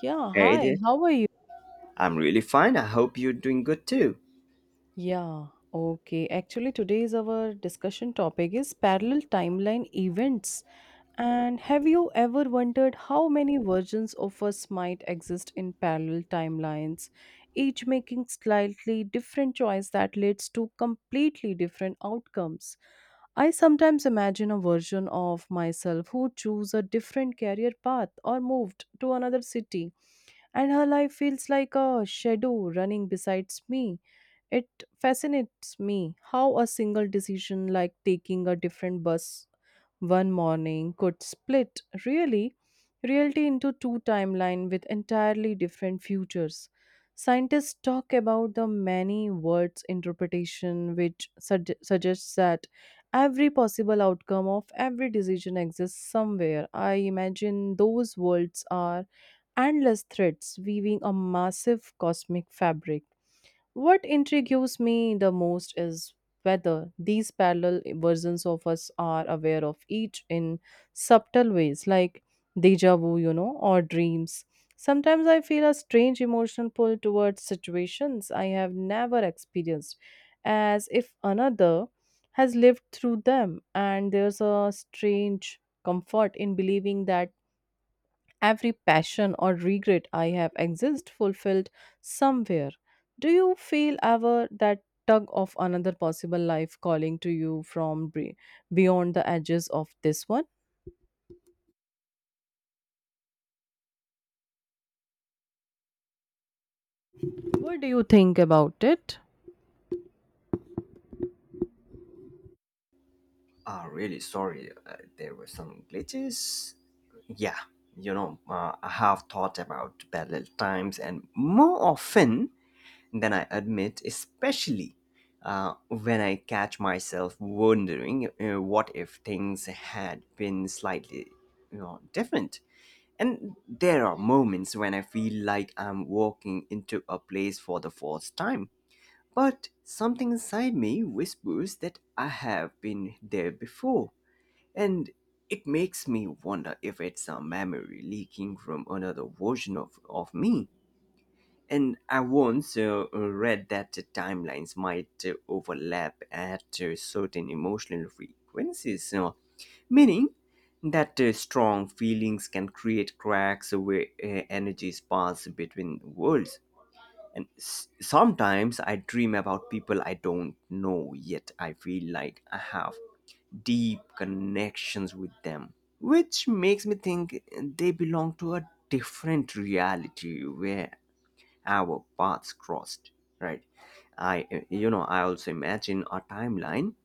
Yeah, Hey hi, there. how are you? I'm really fine. I hope you're doing good too. Yeah, okay. Actually, today's our discussion topic is parallel timeline events. And have you ever wondered how many versions of us might exist in parallel timelines, each making slightly different choice that leads to completely different outcomes? I sometimes imagine a version of myself who chose a different career path or moved to another city, and her life feels like a shadow running besides me. It fascinates me how a single decision, like taking a different bus one morning, could split really reality into two timelines with entirely different futures. Scientists talk about the many worlds interpretation, which suggests that every possible outcome of every decision exists somewhere. I imagine those worlds are endless threads weaving a massive cosmic fabric. What intrigues me the most is whether these parallel versions of us are aware of each in subtle ways, like deja vu, or dreams. Sometimes I feel a strange emotional pull towards situations I have never experienced, as if another has lived through them, and there's a strange comfort in believing that every passion or regret I have exist fulfilled somewhere. Do you feel ever that tug of another possible life calling to you from beyond the edges of this one? What do you think about it? Really sorry. There were some glitches. Yeah, I have thought about parallel times and more often than I admit, especially when I catch myself wondering what if things had been slightly different. And there are moments when I feel like I'm walking into a place for the first time. But something inside me whispers that I have been there before, and it makes me wonder if it's a memory leaking from another version of me. And I once read that the timelines might overlap at certain emotional frequencies, meaning that strong feelings can create cracks where energies pass between worlds. And sometimes I dream about people I don't know, yet I feel like I have deep connections with them, which makes me think they belong to a different reality where our paths crossed, right? I also imagine a timeline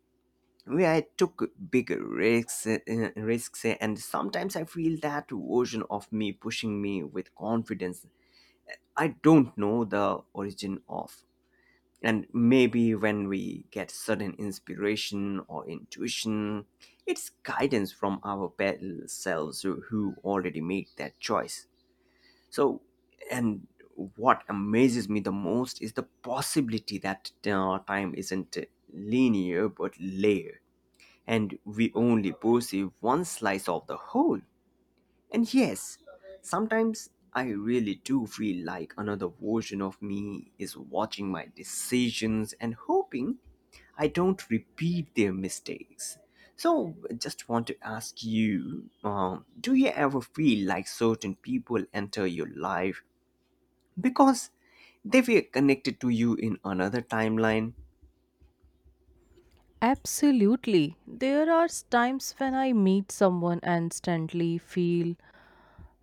where I took bigger risks, and sometimes I feel that version of me pushing me with confidence I don't know the origin of. And maybe when we get sudden inspiration or intuition, it's guidance from our better selves who already made that choice. So, and what amazes me the most is the possibility that time isn't linear but layered, and we only perceive one slice of the whole. And yes, sometimes I really do feel like another version of me is watching my decisions and hoping I don't repeat their mistakes. So, I just want to ask you, do you ever feel like certain people enter your life because they were connected to you in another timeline? Absolutely. There are times when I meet someone and instantly feel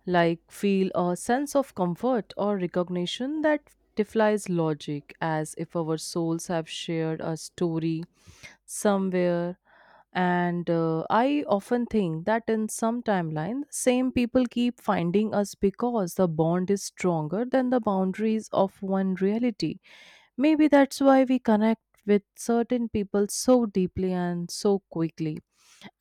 like feel a sense of comfort or recognition that defies logic, as if our souls have shared a story somewhere. And I often think that in some timeline, same people keep finding us because the bond is stronger than the boundaries of one reality. Maybe that's why we connect with certain people so deeply and so quickly,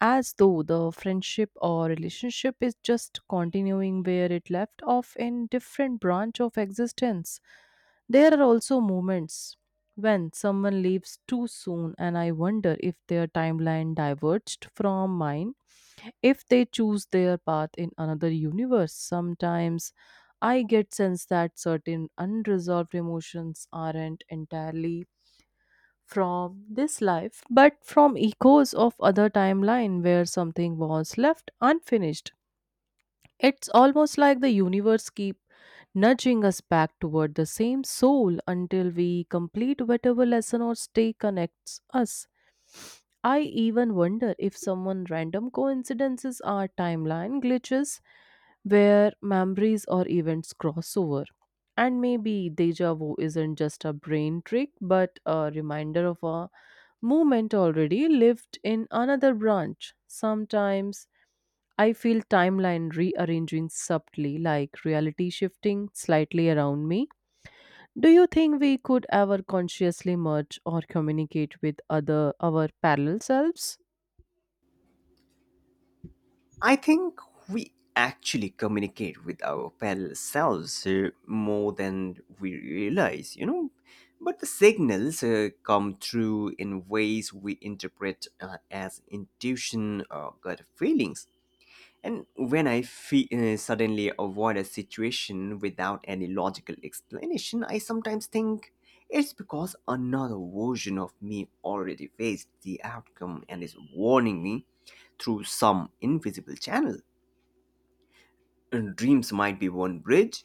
as though the friendship or relationship is just continuing where it left off in different branch of existence. There are also moments when someone leaves too soon, and I wonder if their timeline diverged from mine, if they choose their path in another universe. Sometimes I get sense that certain unresolved emotions aren't entirely from this life, but from echoes of other timeline where something was left unfinished. It's almost like the universe keep nudging us back toward the same soul until we complete whatever lesson or stay connects us. I even wonder if someone random coincidences are timeline glitches where memories or events cross over. And maybe deja vu isn't just a brain trick but a reminder of a movement already lived in another branch. Sometimes I feel timeline rearranging subtly, like reality shifting slightly around me. Do you think we could ever consciously merge or communicate with other our parallel selves? I think we actually communicate with our parallel selves more than we realize, you know. But the signals come through in ways we interpret as intuition or gut feelings. And when I suddenly avoid a situation without any logical explanation, I sometimes think it's because another version of me already faced the outcome and is warning me through some invisible channel. And dreams might be one bridge,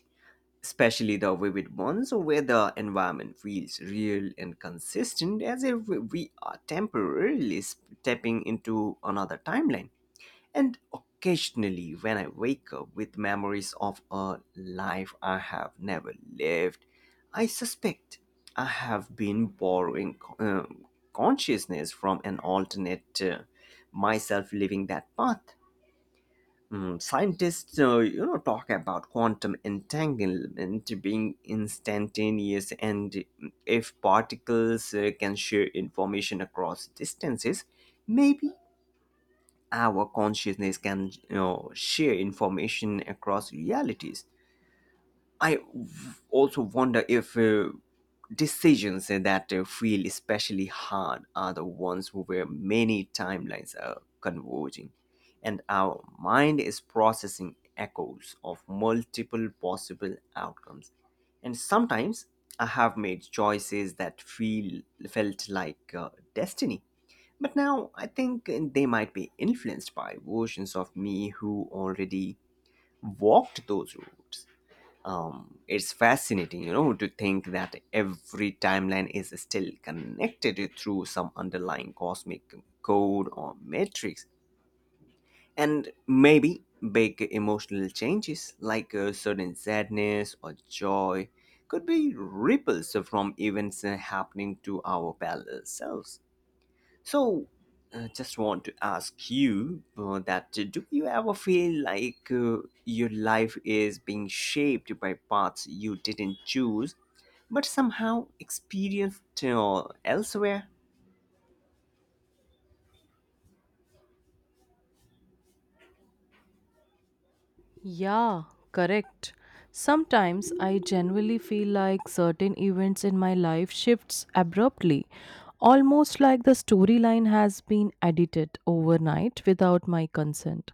especially the vivid ones where the environment feels real and consistent, as if we are temporarily stepping into another timeline. And occasionally, when I wake up with memories of a life I have never lived, I suspect I have been borrowing consciousness from an alternate myself living that path. Mm, scientists, talk about quantum entanglement being instantaneous, and if particles can share information across distances, maybe our consciousness can, share information across realities. I also wonder if decisions that feel especially hard are the ones where many timelines are converging and our mind is processing echoes of multiple possible outcomes. And sometimes I have made choices that feel felt like destiny. But now I think they might be influenced by versions of me who already walked those routes. It's fascinating, you know, to think that every timeline is still connected through some underlying cosmic code or matrix, and maybe big emotional changes like a sudden sadness or joy could be ripples from events happening to our parallel selves. So, just want to ask you that do you ever feel like your life is being shaped by paths you didn't choose, but somehow experienced elsewhere? Yeah, correct. Sometimes I genuinely feel like certain events in my life shifts abruptly, almost like the storyline has been edited overnight without my consent.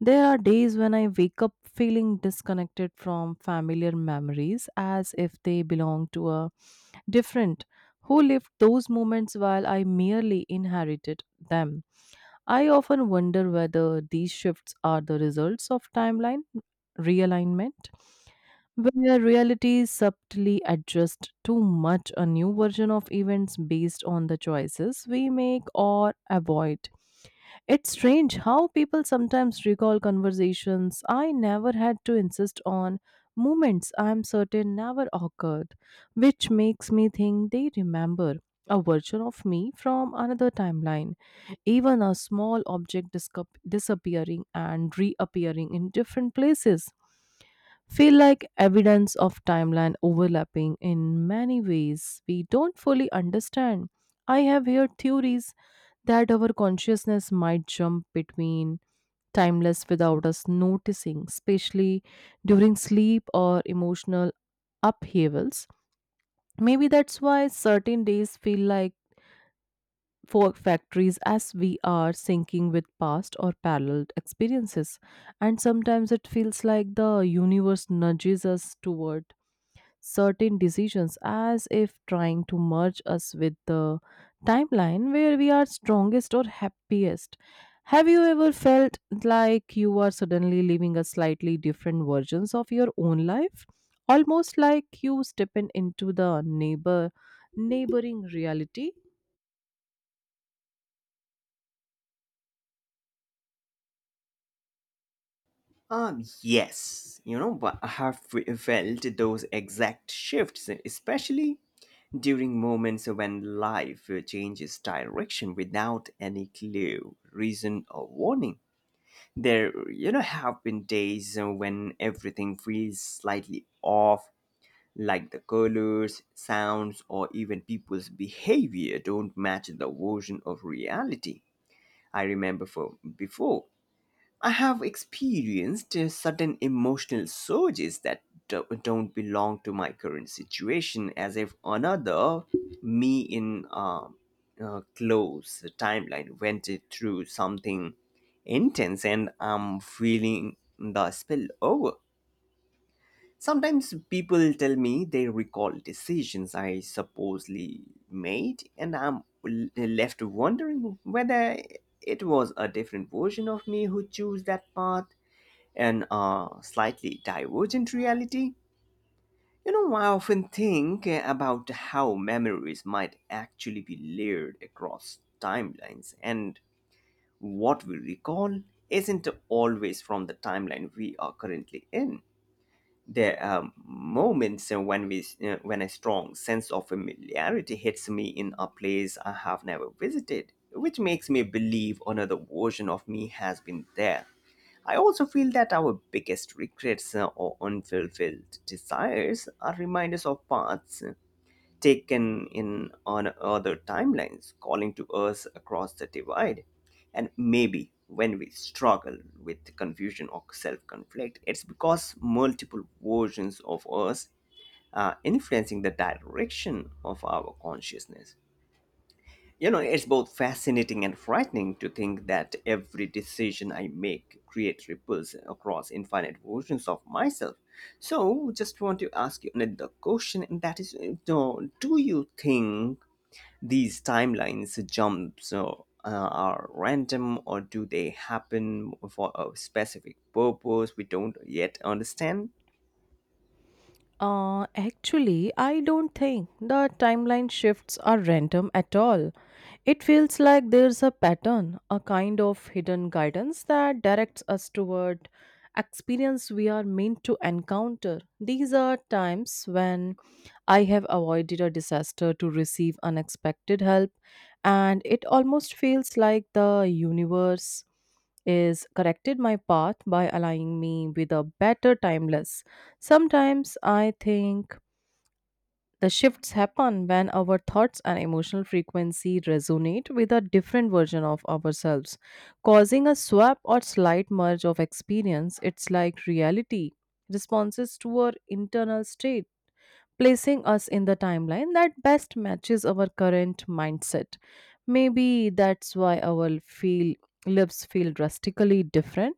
There are days when I wake up feeling disconnected from familiar memories as if they belong to a different who lived those moments while I merely inherited them. I often wonder whether these shifts are the results of timeline realignment, where reality subtly adjusts too much a new version of events based on the choices we make or avoid. It's strange how people sometimes recall conversations I never had to insist on, moments I'm certain never occurred, which makes me think they remember a version of me from another timeline. Even a small object disappearing and reappearing in different places feel like evidence of timeline overlapping in many ways we don't fully understand. I have heard theories that our consciousness might jump between timeless without us noticing, especially during sleep or emotional upheavals. Maybe that's why certain days feel like fork factories as we are syncing with past or parallel experiences. And sometimes it feels like the universe nudges us toward certain decisions as if trying to merge us with the timeline where we are strongest or happiest. Have you ever felt like you are suddenly living a slightly different versions of your own life? Almost like you stepping into the neighboring reality? Yes, you know, but I have felt those exact shifts, especially during moments when life changes direction without any clue, reason, or warning. There, you know, have been days when everything feels slightly off, like the colors, sounds, or even people's behavior don't match the version of reality I remember from before. I have experienced sudden emotional surges that don't belong to my current situation, as if another me in a close timeline went it through something intense, and I'm feeling the spill over. Sometimes people tell me they recall decisions I supposedly made, and I'm left wondering whether it was a different version of me who chose that path and a slightly divergent reality. You know, I often think about how memories might actually be layered across timelines, and what we recall isn't always from the timeline we are currently in. There are moments when a strong sense of familiarity hits me in a place I have never visited, which makes me believe another version of me has been there. I also feel that our biggest regrets or unfulfilled desires are reminders of paths taken in on other timelines, calling to us across the divide. And maybe when we struggle with confusion or self conflict, it's because multiple versions of us are influencing the direction of our consciousness. You know, it's both fascinating and frightening to think that every decision I make creates ripples across infinite versions of myself. So, just want to ask you another question, and that is, do you think these timelines jumps are random, or do they happen for a specific purpose we don't yet understand? Actually, I don't think the timeline shifts are random at all. It feels like there's a pattern, a kind of hidden guidance that directs us toward experience we are meant to encounter. These are times when I have avoided a disaster to receive unexpected help, and it almost feels like the universe is corrected my path by aligning me with a better timeless. Sometimes I think the shifts happen when our thoughts and emotional frequency resonate with a different version of ourselves, causing a swap or slight merge of experience. It's like reality responses to our internal state, placing us in the timeline that best matches our current mindset. Maybe that's why our feel lives feel drastically different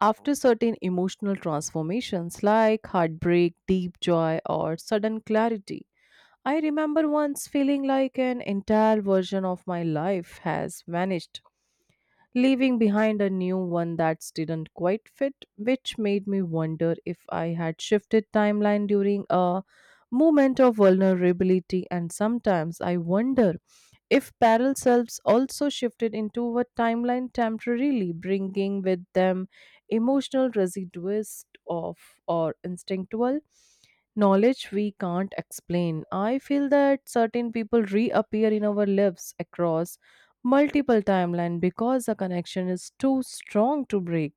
after certain emotional transformations like heartbreak, deep joy, or sudden clarity. I remember once feeling like an entire version of my life has vanished, leaving behind a new one that didn't quite fit, which made me wonder if I had shifted timeline during a moment of vulnerability. And sometimes I wonder if parallel selves also shifted into a timeline temporarily, bringing with them emotional residues of or instinctual knowledge we can't explain. I feel that certain people reappear in our lives across multiple timelines because the connection is too strong to break,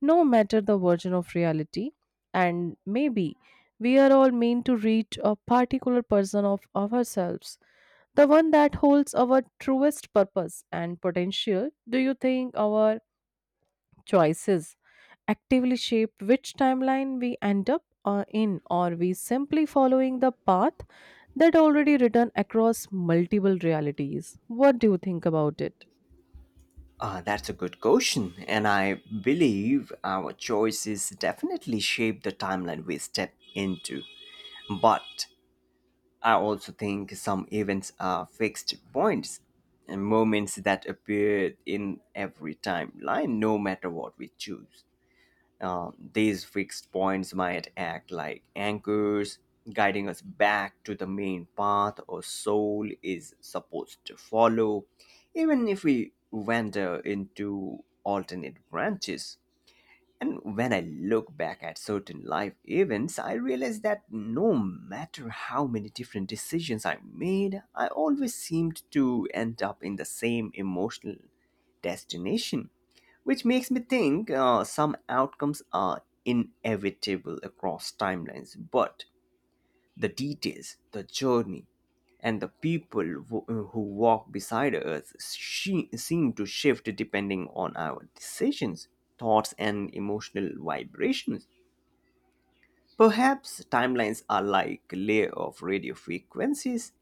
no matter the version of reality. And maybe we are all meant to reach a particular person of ourselves, the one that holds our truest purpose and potential. Do you think our choices actively shape which timeline we end up in, or we simply following the path that already written across multiple realities? What do you think about it? That's a good question, and I believe our choices definitely shape the timeline we step into. But I also think some events are fixed points and moments that appear in every timeline, no matter what we choose. These fixed points might act like anchors, guiding us back to the main path our soul is supposed to follow, even if we wander into alternate branches. And when I look back at certain life events, I realize that no matter how many different decisions I made, I always seemed to end up in the same emotional destination, which makes me think some outcomes are inevitable across timelines, but the details, the journey, and the people who walk beside us, seem to shift depending on our decisions, thoughts, and emotional vibrations. Perhaps timelines are like a layer of radio frequencies,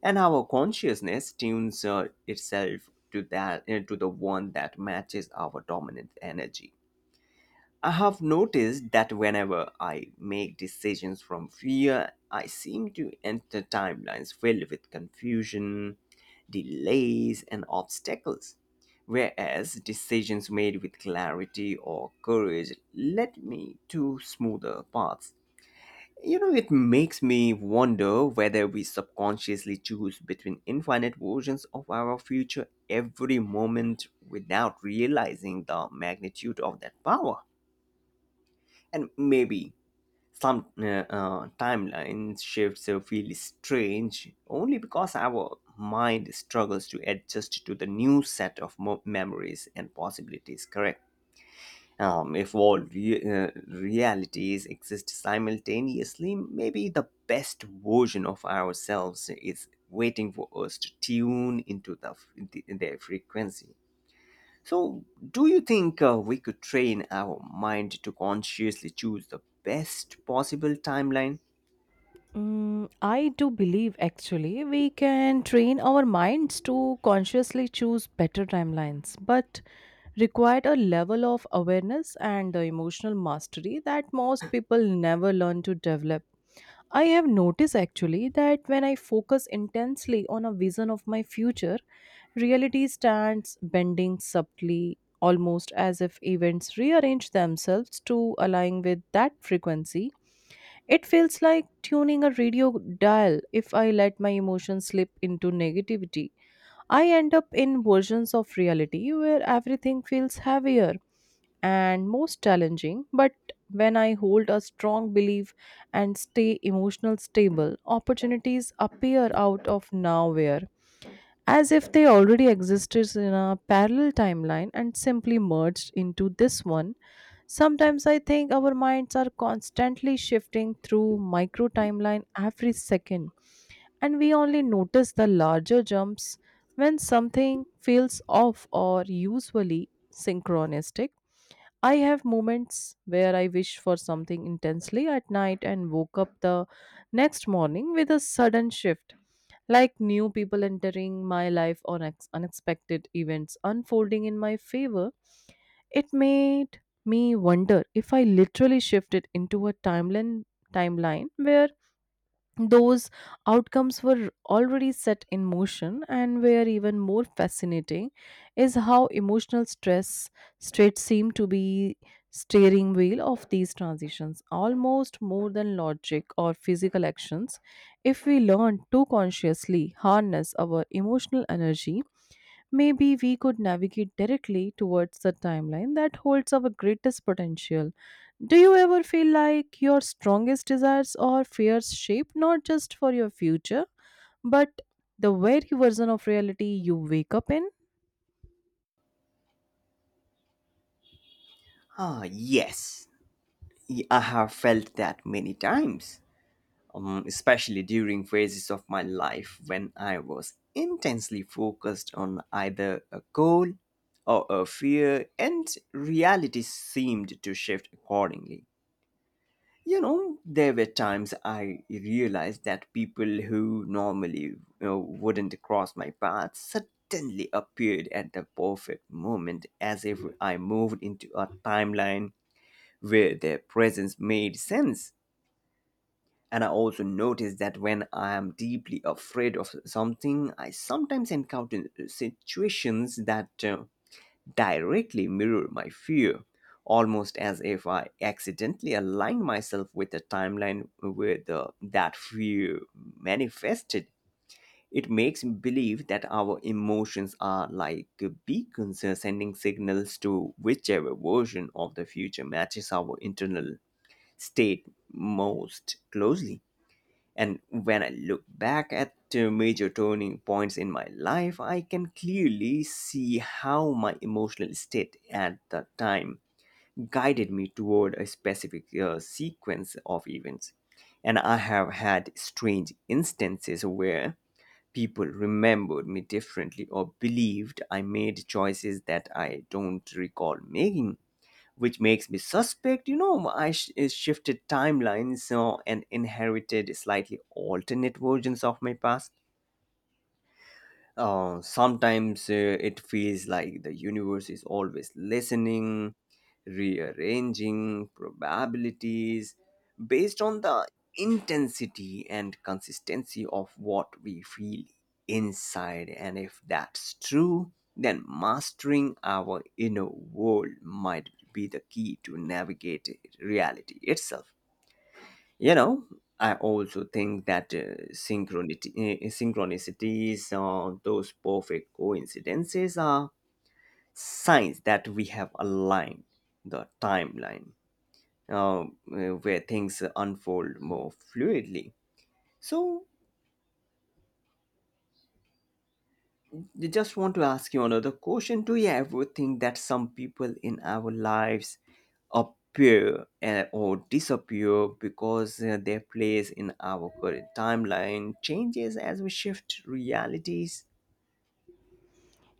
and our consciousness tunes itself to that to the one that matches our dominant energy. I have noticed that whenever I make decisions from fear, I seem to enter timelines filled with confusion, delays, and obstacles. Whereas decisions made with clarity or courage led me to smoother paths. You know, it makes me wonder whether we subconsciously choose between infinite versions of our future every moment without realizing the magnitude of that power. And maybe some timeline shifts feel strange only because our mind struggles to adjust to the new set of memories and possibilities, correct? If all realities exist simultaneously, maybe the best version of ourselves is waiting for us to tune into their frequency. So, do you think we could train our mind to consciously choose the best possible timeline? Mm, I do believe actually we can train our minds to consciously choose better timelines, but required a level of awareness and emotional mastery that most people never learn to develop. I have noticed actually that when I focus intensely on a vision of my future, reality stands bending subtly, almost as if events rearrange themselves to align with that frequency. It feels like tuning a radio dial. If I let my emotions slip into negativity, I end up in versions of reality where everything feels heavier and most challenging, but when I hold a strong belief and stay emotional stable, opportunities appear out of nowhere as if they already existed in a parallel timeline and simply merged into this one. Sometimes I think our minds are constantly shifting through micro timeline every second, and we only notice the larger jumps when something feels off or usually synchronistic. I have moments where I wish for something intensely at night and woke up the next morning with a sudden shift, like new people entering my life or unexpected events unfolding in my favor. It made me wonder if I literally shifted into a timeline where those outcomes were already set in motion. And where even more fascinating is how emotional stress straight seemed to be steering wheel of these transitions, almost more than logic or physical actions. If we learn to consciously harness our emotional energy, maybe we could navigate directly towards the timeline that holds our greatest potential. Do you ever feel like your strongest desires or fears shape not just for your future, but the very version of reality you wake up in? Ah, yes. I have felt that many times, especially during phases of my life when I was intensely focused on either a goal or a fear, and reality seemed to shift accordingly. You know, there were times I realized that people who normally, wouldn't cross my path suddenly appeared at the perfect moment, as if I moved into a timeline where their presence made sense. And I also noticed that when I am deeply afraid of something, I sometimes encounter situations that directly mirror my fear, almost as if I accidentally aligned myself with a timeline where that fear manifested. It makes me believe that our emotions are like beacons sending signals to whichever version of the future matches our internal state most closely. And when I look back at the major turning points in my life, I can clearly see how my emotional state at the time guided me toward a specific sequence of events. And I have had strange instances where people remembered me differently or believed I made choices that I don't recall making, which makes me suspect, you know, I shifted timelines so, and inherited slightly alternate versions of my past. Sometimes it feels like the universe is always listening, rearranging probabilities based on the intensity and consistency of what we feel inside. And if that's true, then mastering our inner world might be the key to navigate reality itself. You know, I also think that synchronicities or those perfect coincidences are signs that we have aligned the timeline uh, where things unfold more fluidly. So, I just want to ask you another question. Do you ever think that some people in our lives appear or disappear because their place in our current timeline changes as we shift realities?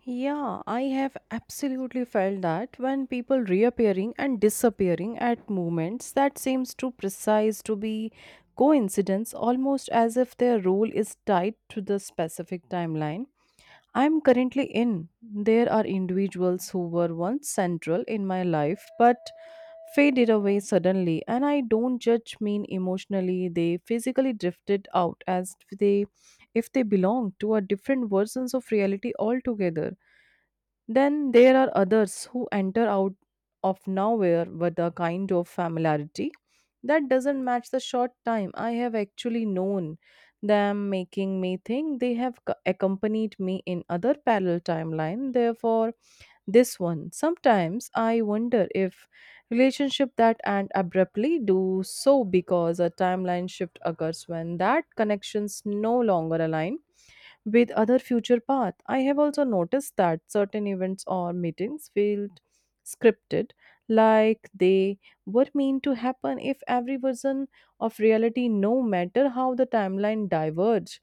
Yeah, I have absolutely felt that when people reappearing and disappearing at moments that seems too precise to be coincidence, almost as if their role is tied to the specific timeline I'm currently in. There are individuals who were once central in my life but faded away suddenly, and I don't judge mean emotionally. They physically drifted out as they if they belong to a different versions of reality altogether. Then there are others who enter out of nowhere with a kind of familiarity that doesn't match the short time I have actually known them, making me think they have accompanied me in other parallel timeline. Therefore, this one. Sometimes I wonder if relationship that end abruptly do so because a timeline shift occurs when that connections no longer align with other future path. I have also noticed that certain events or meetings felt scripted, like they were meant to happen if every version of reality, no matter how the timeline diverge.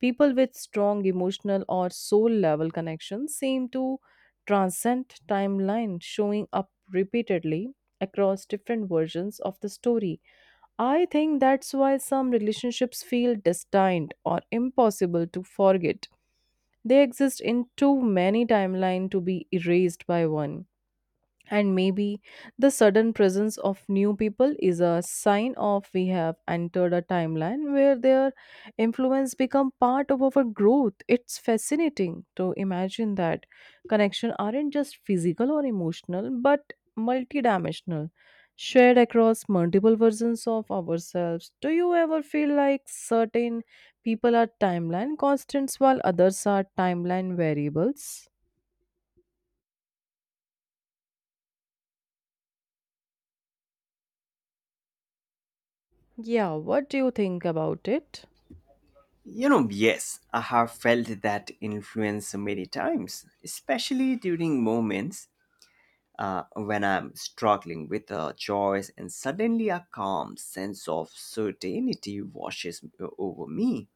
People with strong emotional or soul level connections seem to transcend timeline, showing up repeatedly across different versions of the story. I think that's why some relationships feel destined or impossible to forget. They exist in too many timelines to be erased by one. And maybe the sudden presence of new people is a sign of we have entered a timeline where their influence become part of our growth. It's fascinating to imagine that connection aren't just physical or emotional but multidimensional, shared across multiple versions of ourselves. Do you ever feel like certain people are timeline constants while others are timeline variables? Yeah, what do you think about it? You know, yes, I have felt that influence many times, especially during moments when I'm struggling with a choice and suddenly a calm sense of certainty washes over me,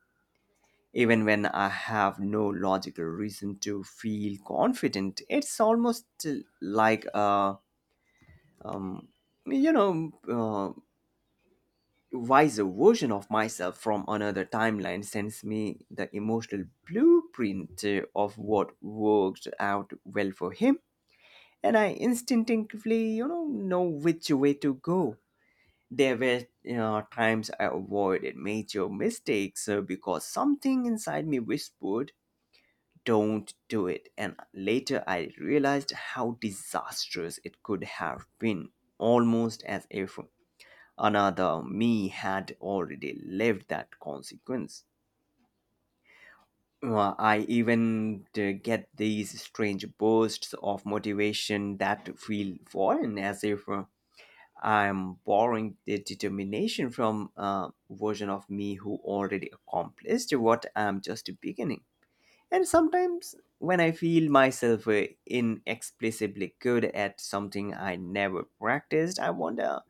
even when I have no logical reason to feel confident. It's almost like a, um, you know, uh, wiser version of myself from another timeline sends me the emotional blueprint of what worked out well for him. And I instinctively, you know which way to go. There were, you know, times I avoided major mistakes because something inside me whispered don't do it. And later I realized how disastrous it could have been, almost as if another me had already lived that consequence. Well, I even get these strange bursts of motivation that feel foreign, as if I'm borrowing the determination from a version of me who already accomplished what I'm just beginning. And sometimes when I feel myself inexplicably good at something I never practiced, I wonder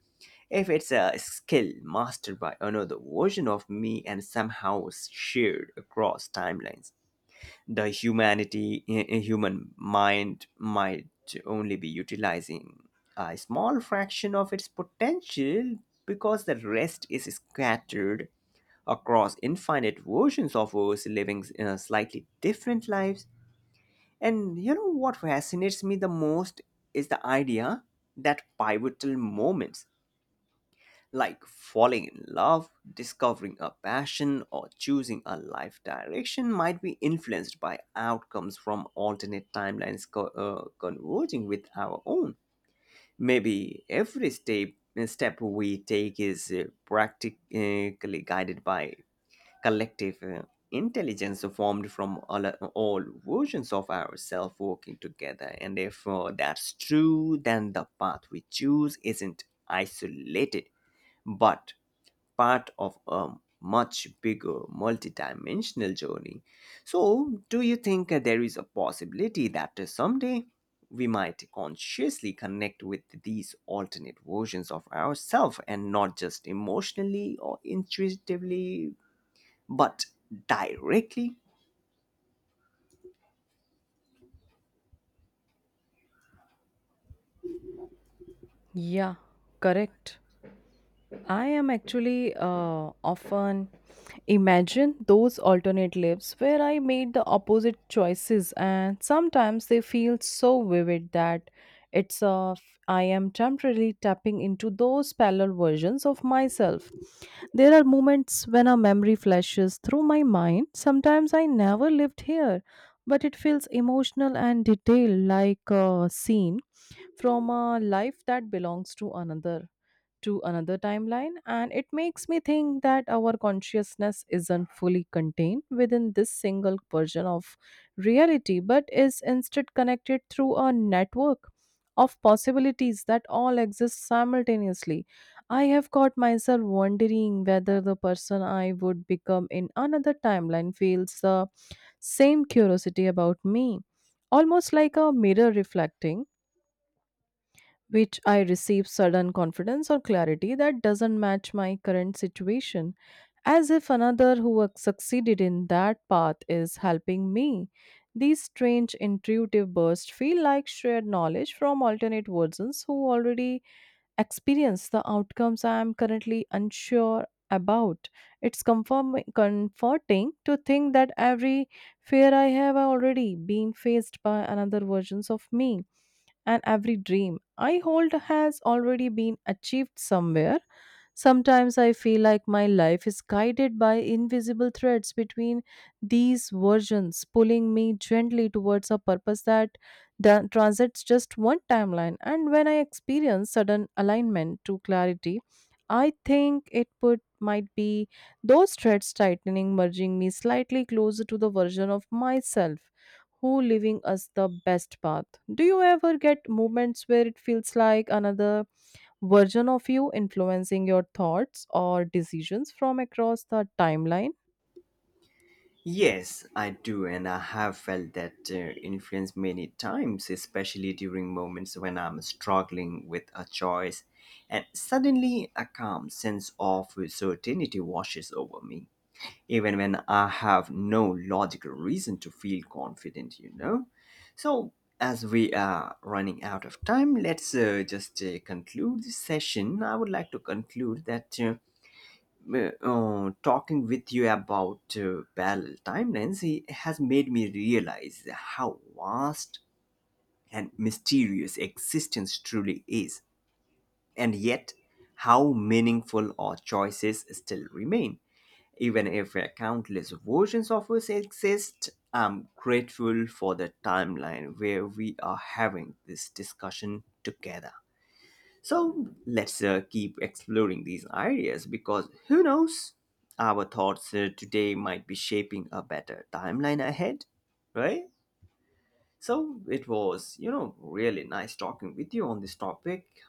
if it's a skill mastered by another version of me and somehow shared across timelines. The humanity, human mind might only be utilizing a small fraction of its potential because the rest is scattered across infinite versions of us living slightly different lives. And you know what fascinates me the most is the idea that pivotal moments like falling in love, discovering a passion, or choosing a life direction might be influenced by outcomes from alternate timelines converging with our own. Maybe every step we take is practically guided by collective intelligence formed from all versions of ourselves working together. And if that's true, then the path we choose isn't isolated, but part of a much bigger multidimensional journey. So, do you think there is a possibility that someday we might consciously connect with these alternate versions of ourselves, and not just emotionally or intuitively but directly, Yeah, correct. I am actually often imagine those alternate lives where I made the opposite choices, and sometimes they feel so vivid that it's uh, f- I am temporarily tapping into those parallel versions of myself. There are moments when a memory flashes through my mind. Sometimes I never lived here, but it feels emotional and detailed, like a scene from a life that belongs to another timeline, and it makes me think that our consciousness isn't fully contained within this single version of reality, but is instead connected through a network of possibilities that all exist simultaneously. I have caught myself wondering whether the person I would become in another timeline feels the same curiosity about me, almost like a mirror reflecting which I receive sudden confidence or clarity that doesn't match my current situation, as if another who succeeded in that path is helping me. These strange intuitive bursts feel like shared knowledge from alternate versions who already experience the outcomes I am currently unsure about. It's comforting to think that every fear I have already been faced by another versions of me, and every dream I hold has already been achieved somewhere. Sometimes I feel like my life is guided by invisible threads between these versions, pulling me gently towards a purpose that transits just one timeline. And when I experience sudden alignment to clarity, I think it would might be those threads tightening, merging me slightly closer to the version of myself who living us the best path. Do you ever get moments where it feels like another version of you influencing your thoughts or decisions from across the timeline? yes, I do, and I have felt that influence many times, especially during moments when I'm struggling with a choice, and suddenly a calm sense of certainty washes over me. Even when I have no logical reason to feel confident, you know. So, as we are running out of time, let's just conclude this session. I would like to conclude that talking with you about parallel timelines has made me realize how vast and mysterious existence truly is, and yet how meaningful our choices still remain. Even if countless versions of us exist, I'm grateful for the timeline where we are having this discussion together. So let's keep exploring these ideas, because who knows, our thoughts today might be shaping a better timeline ahead, right? So it was, you know, really nice talking with you on this topic.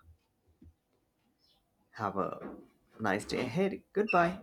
Have a nice day ahead. Goodbye.